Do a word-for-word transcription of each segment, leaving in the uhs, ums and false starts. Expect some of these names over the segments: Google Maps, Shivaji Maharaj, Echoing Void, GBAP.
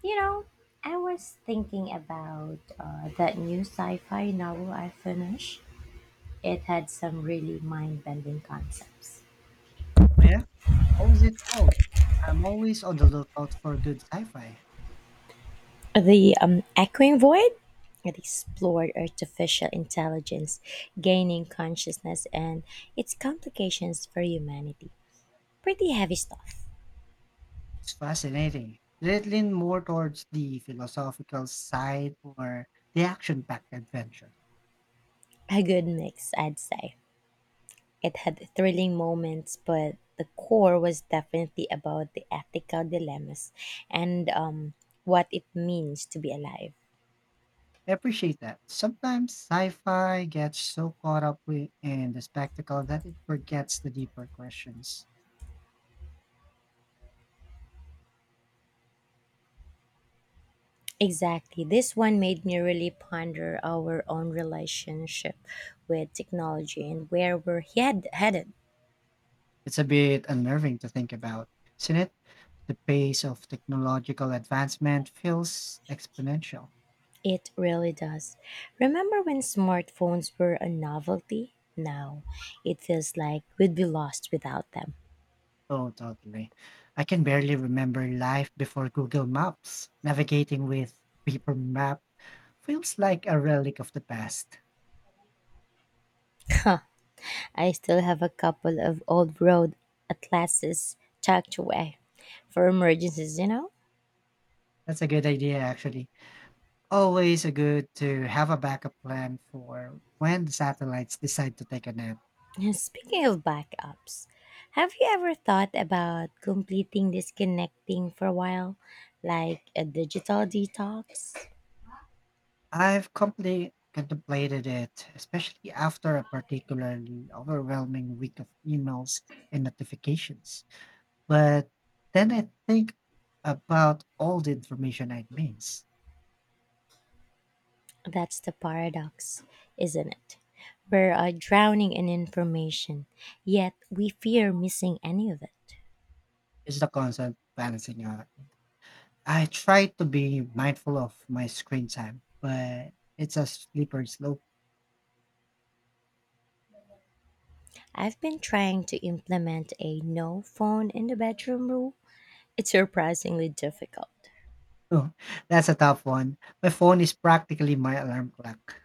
You know, I was thinking about uh, that new sci fi novel I finished. It had some really mind bending concepts. Oh yeah, what was it called? I'm always on the lookout for good sci-fi. The um, Echoing Void? It explored artificial intelligence, gaining consciousness, and its complications for humanity. Pretty heavy stuff. It's fascinating. Did it lean more towards the philosophical side or the action-packed adventure? A good mix, I'd say. It had thrilling moments, but the core was definitely about the ethical dilemmas and um, what it means to be alive. I appreciate that. Sometimes sci-fi gets so caught up wi- in the spectacle that it forgets the deeper questions. Exactly. This one made me really ponder our own relationship with technology and where we're head- headed. It's a bit unnerving to think about, isn't it? The pace of technological advancement feels exponential. It really does. Remember when smartphones were a novelty? Now it feels like we'd be lost without them. Oh, totally. I can barely remember life before Google Maps. Navigating with a paper map feels like a relic of the past. I still have a couple of old road atlases tucked away for emergencies, you know? That's a good idea, actually. Always a good to have a backup plan for when the satellites decide to take a nap. Speaking of backups, have you ever thought about completing disconnecting for a while, like a digital detox? I've completely contemplated it, especially after a particularly overwhelming week of emails and notifications. But then I think about all the information I'd missed. That's the paradox, isn't it? We're uh, drowning in information, yet we fear missing any of it. It's the constant balancing act. I try to be mindful of my screen time, but it's a slippery slope. I've been trying to implement a no phone in the bedroom rule. It's surprisingly difficult. Oh, that's a tough one. My phone is practically my alarm clock.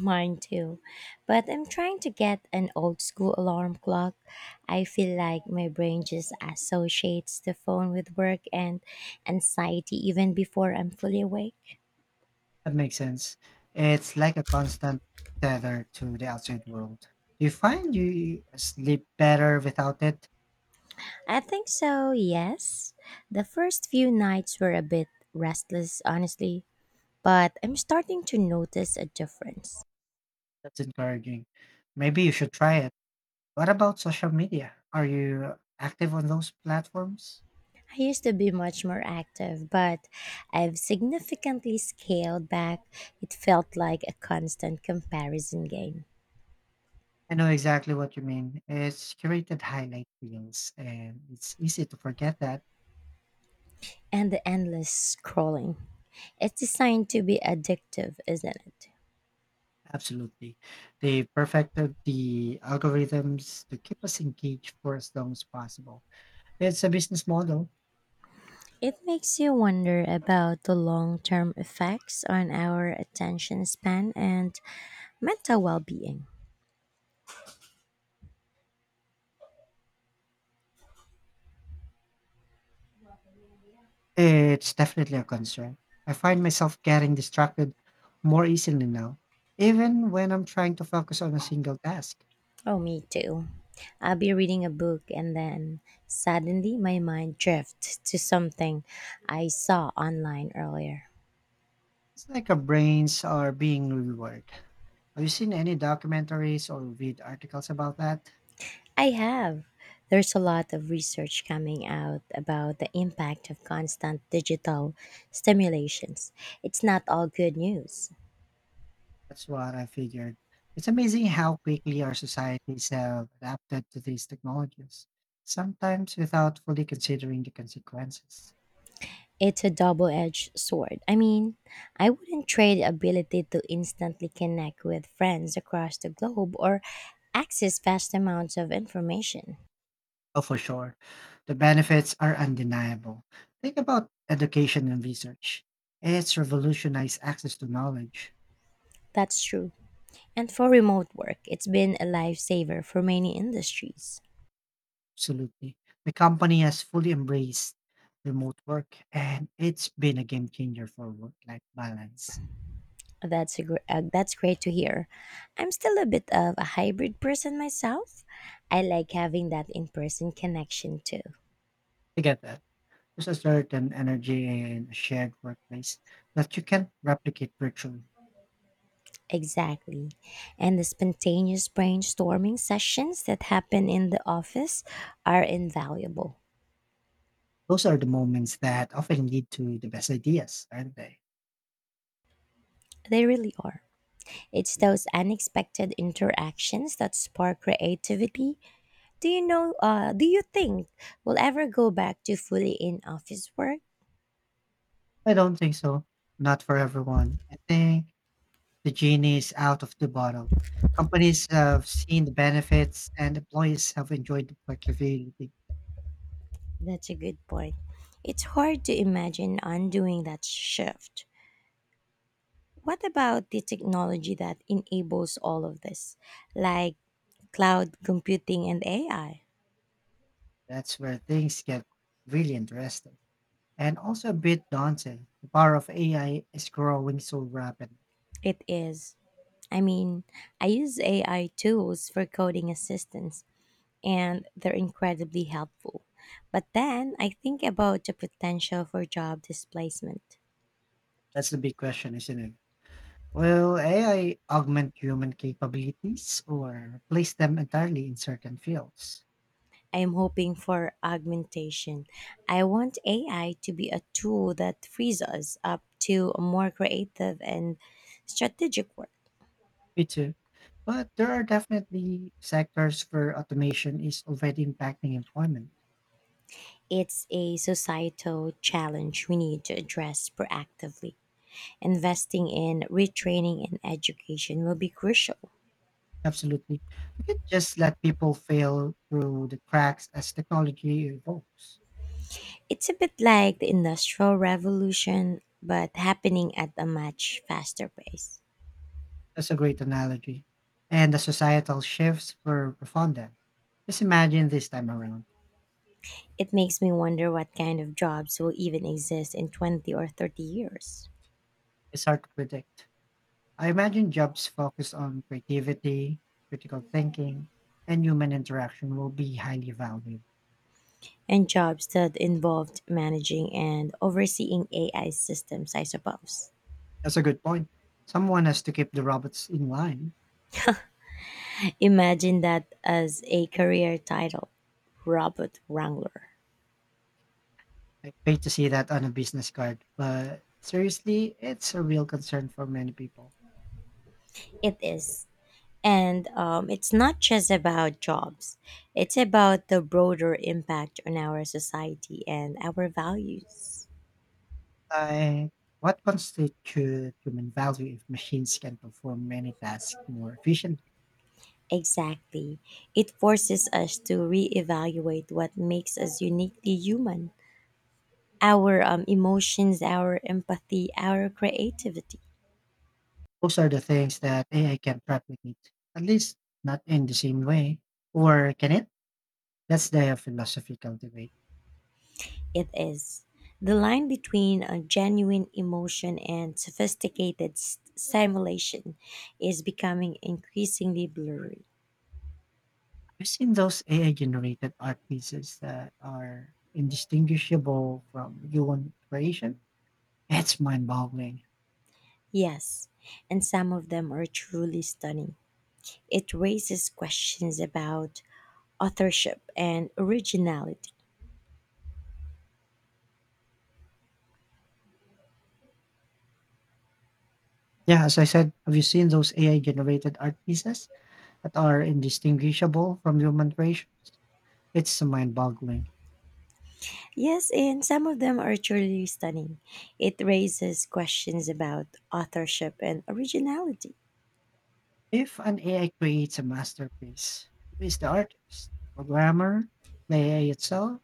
Mine too. But I'm trying to get an old school alarm clock. I feel like my brain just associates the phone with work and anxiety even before I'm fully awake. That makes sense. It's like a constant tether to the outside world. Do you find you sleep better without it? I think so, yes. The first few nights were a bit restless, honestly, but I'm starting to notice a difference. That's encouraging. Maybe you should try it. What about social media? Are you active on those platforms? I used to be much more active, but I've significantly scaled back. It felt like a constant comparison game. I know exactly what you mean. It's curated highlight reels, and it's easy to forget that. And the endless scrolling. It's designed to be addictive, isn't it? Absolutely. They perfected the algorithms to keep us engaged for as long as possible. It's a business model. It makes you wonder about the long term effects on our attention span and mental well being. It's definitely a concern. I find myself getting distracted more easily now, even when I'm trying to focus on a single task. Oh, me too. I'll be reading a book and then suddenly my mind drifts to something I saw online earlier. It's like our brains are being rewired. Have you seen any documentaries or read articles about that? I have. There's a lot of research coming out about the impact of constant digital stimulations. It's not all good news. That's what I figured. It's amazing how quickly our societies have adapted to these technologies, sometimes without fully considering the consequences. It's a double edged sword. I mean, I wouldn't trade the ability to instantly connect with friends across the globe or access vast amounts of information. Oh, for sure. The benefits are undeniable. Think about education and research. It's revolutionized access to knowledge. That's true. And for remote work, it's been a lifesaver for many industries. Absolutely. The company has fully embraced remote work, and it's been a game changer for work life balance. That's a gr- uh, that's great to hear. I'm still a bit of a hybrid person myself. I like having that in-person connection too. I get that. There's a certain energy in a shared workplace that you can't replicate virtually. Exactly. And the spontaneous brainstorming sessions that happen in the office are invaluable. Those are the moments that often lead to the best ideas, aren't they? They really are. It's those unexpected interactions that spark creativity. Do you know uh do you think we'll ever go back to fully in office work? I don't think so. Not for everyone. I think the genie is out of the bottle. Companies have seen the benefits and employees have enjoyed the flexibility. That's a good point. It's hard to imagine undoing that shift. What about the technology that enables all of this, like cloud computing and A I? That's where things get really interesting and also a bit daunting. The power of A I is growing so rapidly. It is. I mean, I use A I tools for coding assistance, and they're incredibly helpful. But then I think about the potential for job displacement. That's the big question, isn't it? Will A I augment human capabilities or replace them entirely in certain fields? I am hoping for augmentation. I want A I to be a tool that frees us up to more creative and strategic work. Me too. But there are definitely sectors where automation is already impacting employment. It's a societal challenge we need to address proactively. Investing in retraining and education will be crucial. Absolutely. We can't just let people fail through the cracks as technology evolves. It's a bit like the Industrial Revolution, but happening at a much faster pace. That's a great analogy. And the societal shifts were profound then. Just imagine this time around. It makes me wonder what kind of jobs will even exist in twenty or thirty years. It's hard to predict. I imagine jobs focused on creativity, critical thinking, and human interaction will be highly valued. And jobs that involved managing and overseeing A I systems, I suppose. That's a good point. Someone has to keep the robots in line. Imagine that as a career title, Robot Wrangler. I hate to see that on a business card, but seriously, it's a real concern for many people. It is. And um, it's not just about jobs, it's about the broader impact on our society and our values. Like, what constitutes human value if machines can perform many tasks more efficiently? Exactly. It forces us to reevaluate what makes us uniquely human, our um, emotions, our empathy, our creativity. Those are the things that A I can replicate, at least not in the same way. Or can it? That's the philosophical debate. It is. The line between a genuine emotion and sophisticated s- simulation is becoming increasingly blurry. I've seen those A I generated art pieces that are indistinguishable from human creation. It's mind boggling. Yes, and some of them are truly stunning. It raises questions about authorship and originality. Yeah, as I said, have you seen those A I generated art pieces that are indistinguishable from human creation? It's mind boggling. Yes, and some of them are truly stunning. It raises questions about authorship and originality. If an A I creates a masterpiece, who is the artist? The programmer? The A I itself?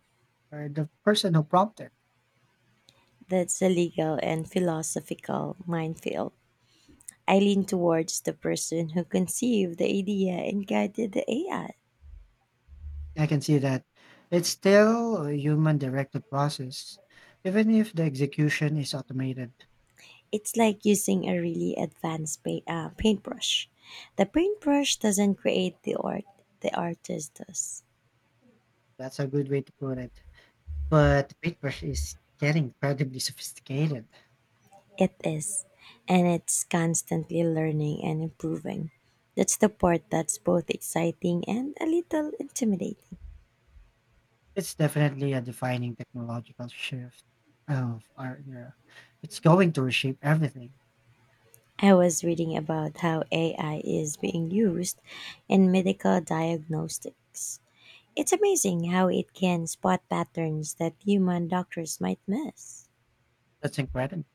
Or the person who prompted? That's a legal and philosophical minefield. I lean towards the person who conceived the idea and guided the A I. I can see that. It's still a human directed process, even if the execution is automated. It's like using a really advanced pa- uh, paintbrush. The paintbrush doesn't create the art, the artist does. That's a good way to put it. But paintbrush is getting incredibly sophisticated. It is. And it's constantly learning and improving. That's the part that's both exciting and a little intimidating. It's definitely a defining technological shift of our era. It's going to reshape everything. I was reading about how A I is being used in medical diagnostics. It's amazing how it can spot patterns that human doctors might miss. That's incredible.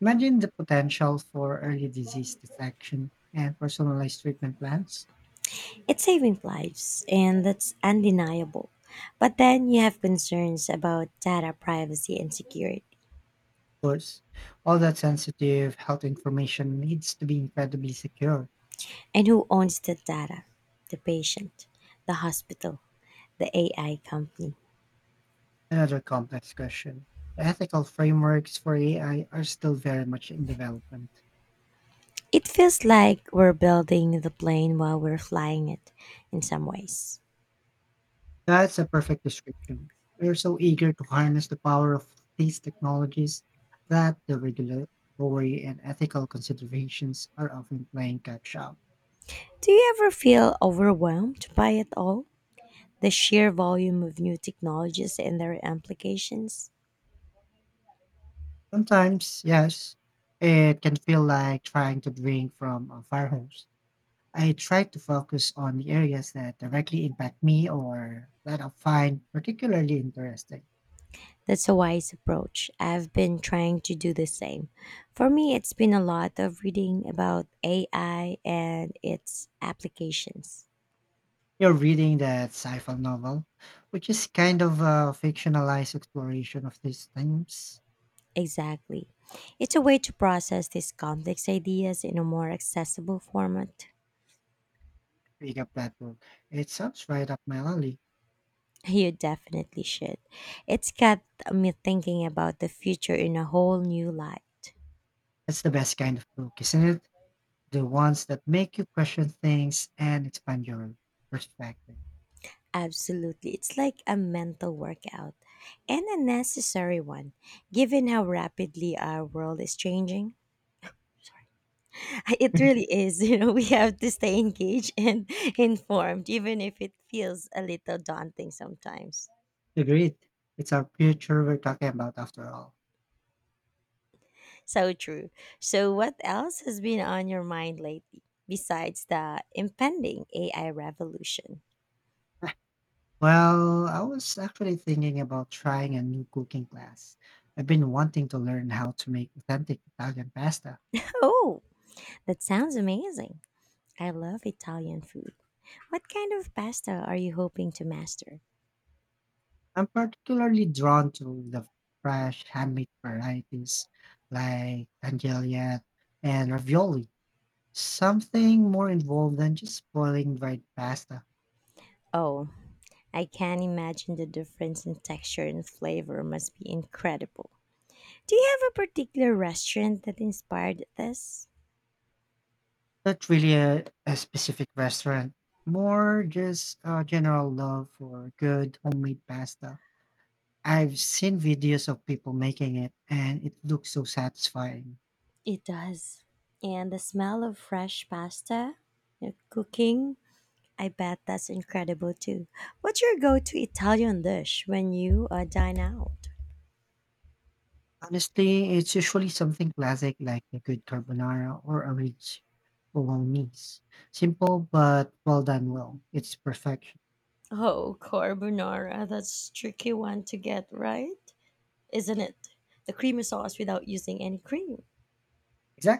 Imagine the potential for early disease detection and personalized treatment plans. It's saving lives, and that's undeniable. But then you have concerns about data privacy and security. Of course, all that sensitive health information needs to be incredibly secure. And who owns the data? The patient, the hospital, the A I company. Another complex question. The ethical frameworks for A I are still very much in development. It feels like we're building the plane while we're flying it in some ways. That's a perfect description. We're so eager to harness the power of these technologies that the regulatory and ethical considerations are often playing catch up. Do you ever feel overwhelmed by it all? The sheer volume of new technologies and their implications? Sometimes, yes, it can feel like trying to drink from a fire hose. I try to focus on the areas that directly impact me or that I find particularly interesting. That's a wise approach. I've been trying to do the same. For me, it's been a lot of reading about A I and its applications. You're reading that sci-fi novel, which is kind of a fictionalized exploration of these times. Exactly. It's a way to process these complex ideas in a more accessible format. Pick up that book. It sounds right up my alley. You definitely should. It's got me thinking about the future in a whole new light. That's the best kind of book, isn't it? The ones that make you question things and expand your perspective. Absolutely. It's like a mental workout and a necessary one, given how rapidly our world is changing. It really is. You know, we have to stay engaged and informed, even if it feels a little daunting sometimes. Agreed. It's our future we're talking about after all. So true. So, what else has been on your mind lately besides the impending A I revolution? Well, I was actually thinking about trying a new cooking class. I've been wanting to learn how to make authentic Italian pasta. Oh, that sounds amazing. I love Italian food. What kind of pasta are you hoping to master? I'm particularly drawn to the fresh handmade varieties like tagliatelle and ravioli. Something more involved than just boiling dried pasta. Oh, I can imagine the difference in texture and flavor must be incredible. Do you have a particular restaurant that inspired this? Not really a, a specific restaurant. More just a general love for good homemade pasta. I've seen videos of people making it and it looks so satisfying. It does. And the smell of fresh pasta, you know, cooking, I bet that's incredible too. What's your go to Italian dish when you uh, dine out? Honestly, it's usually something classic like a good carbonara or a rich bolognese. Simple but well done well. It's perfection. Oh, carbonara. That's a tricky one to get right, isn't it? The creamy sauce without using any cream. Exactly.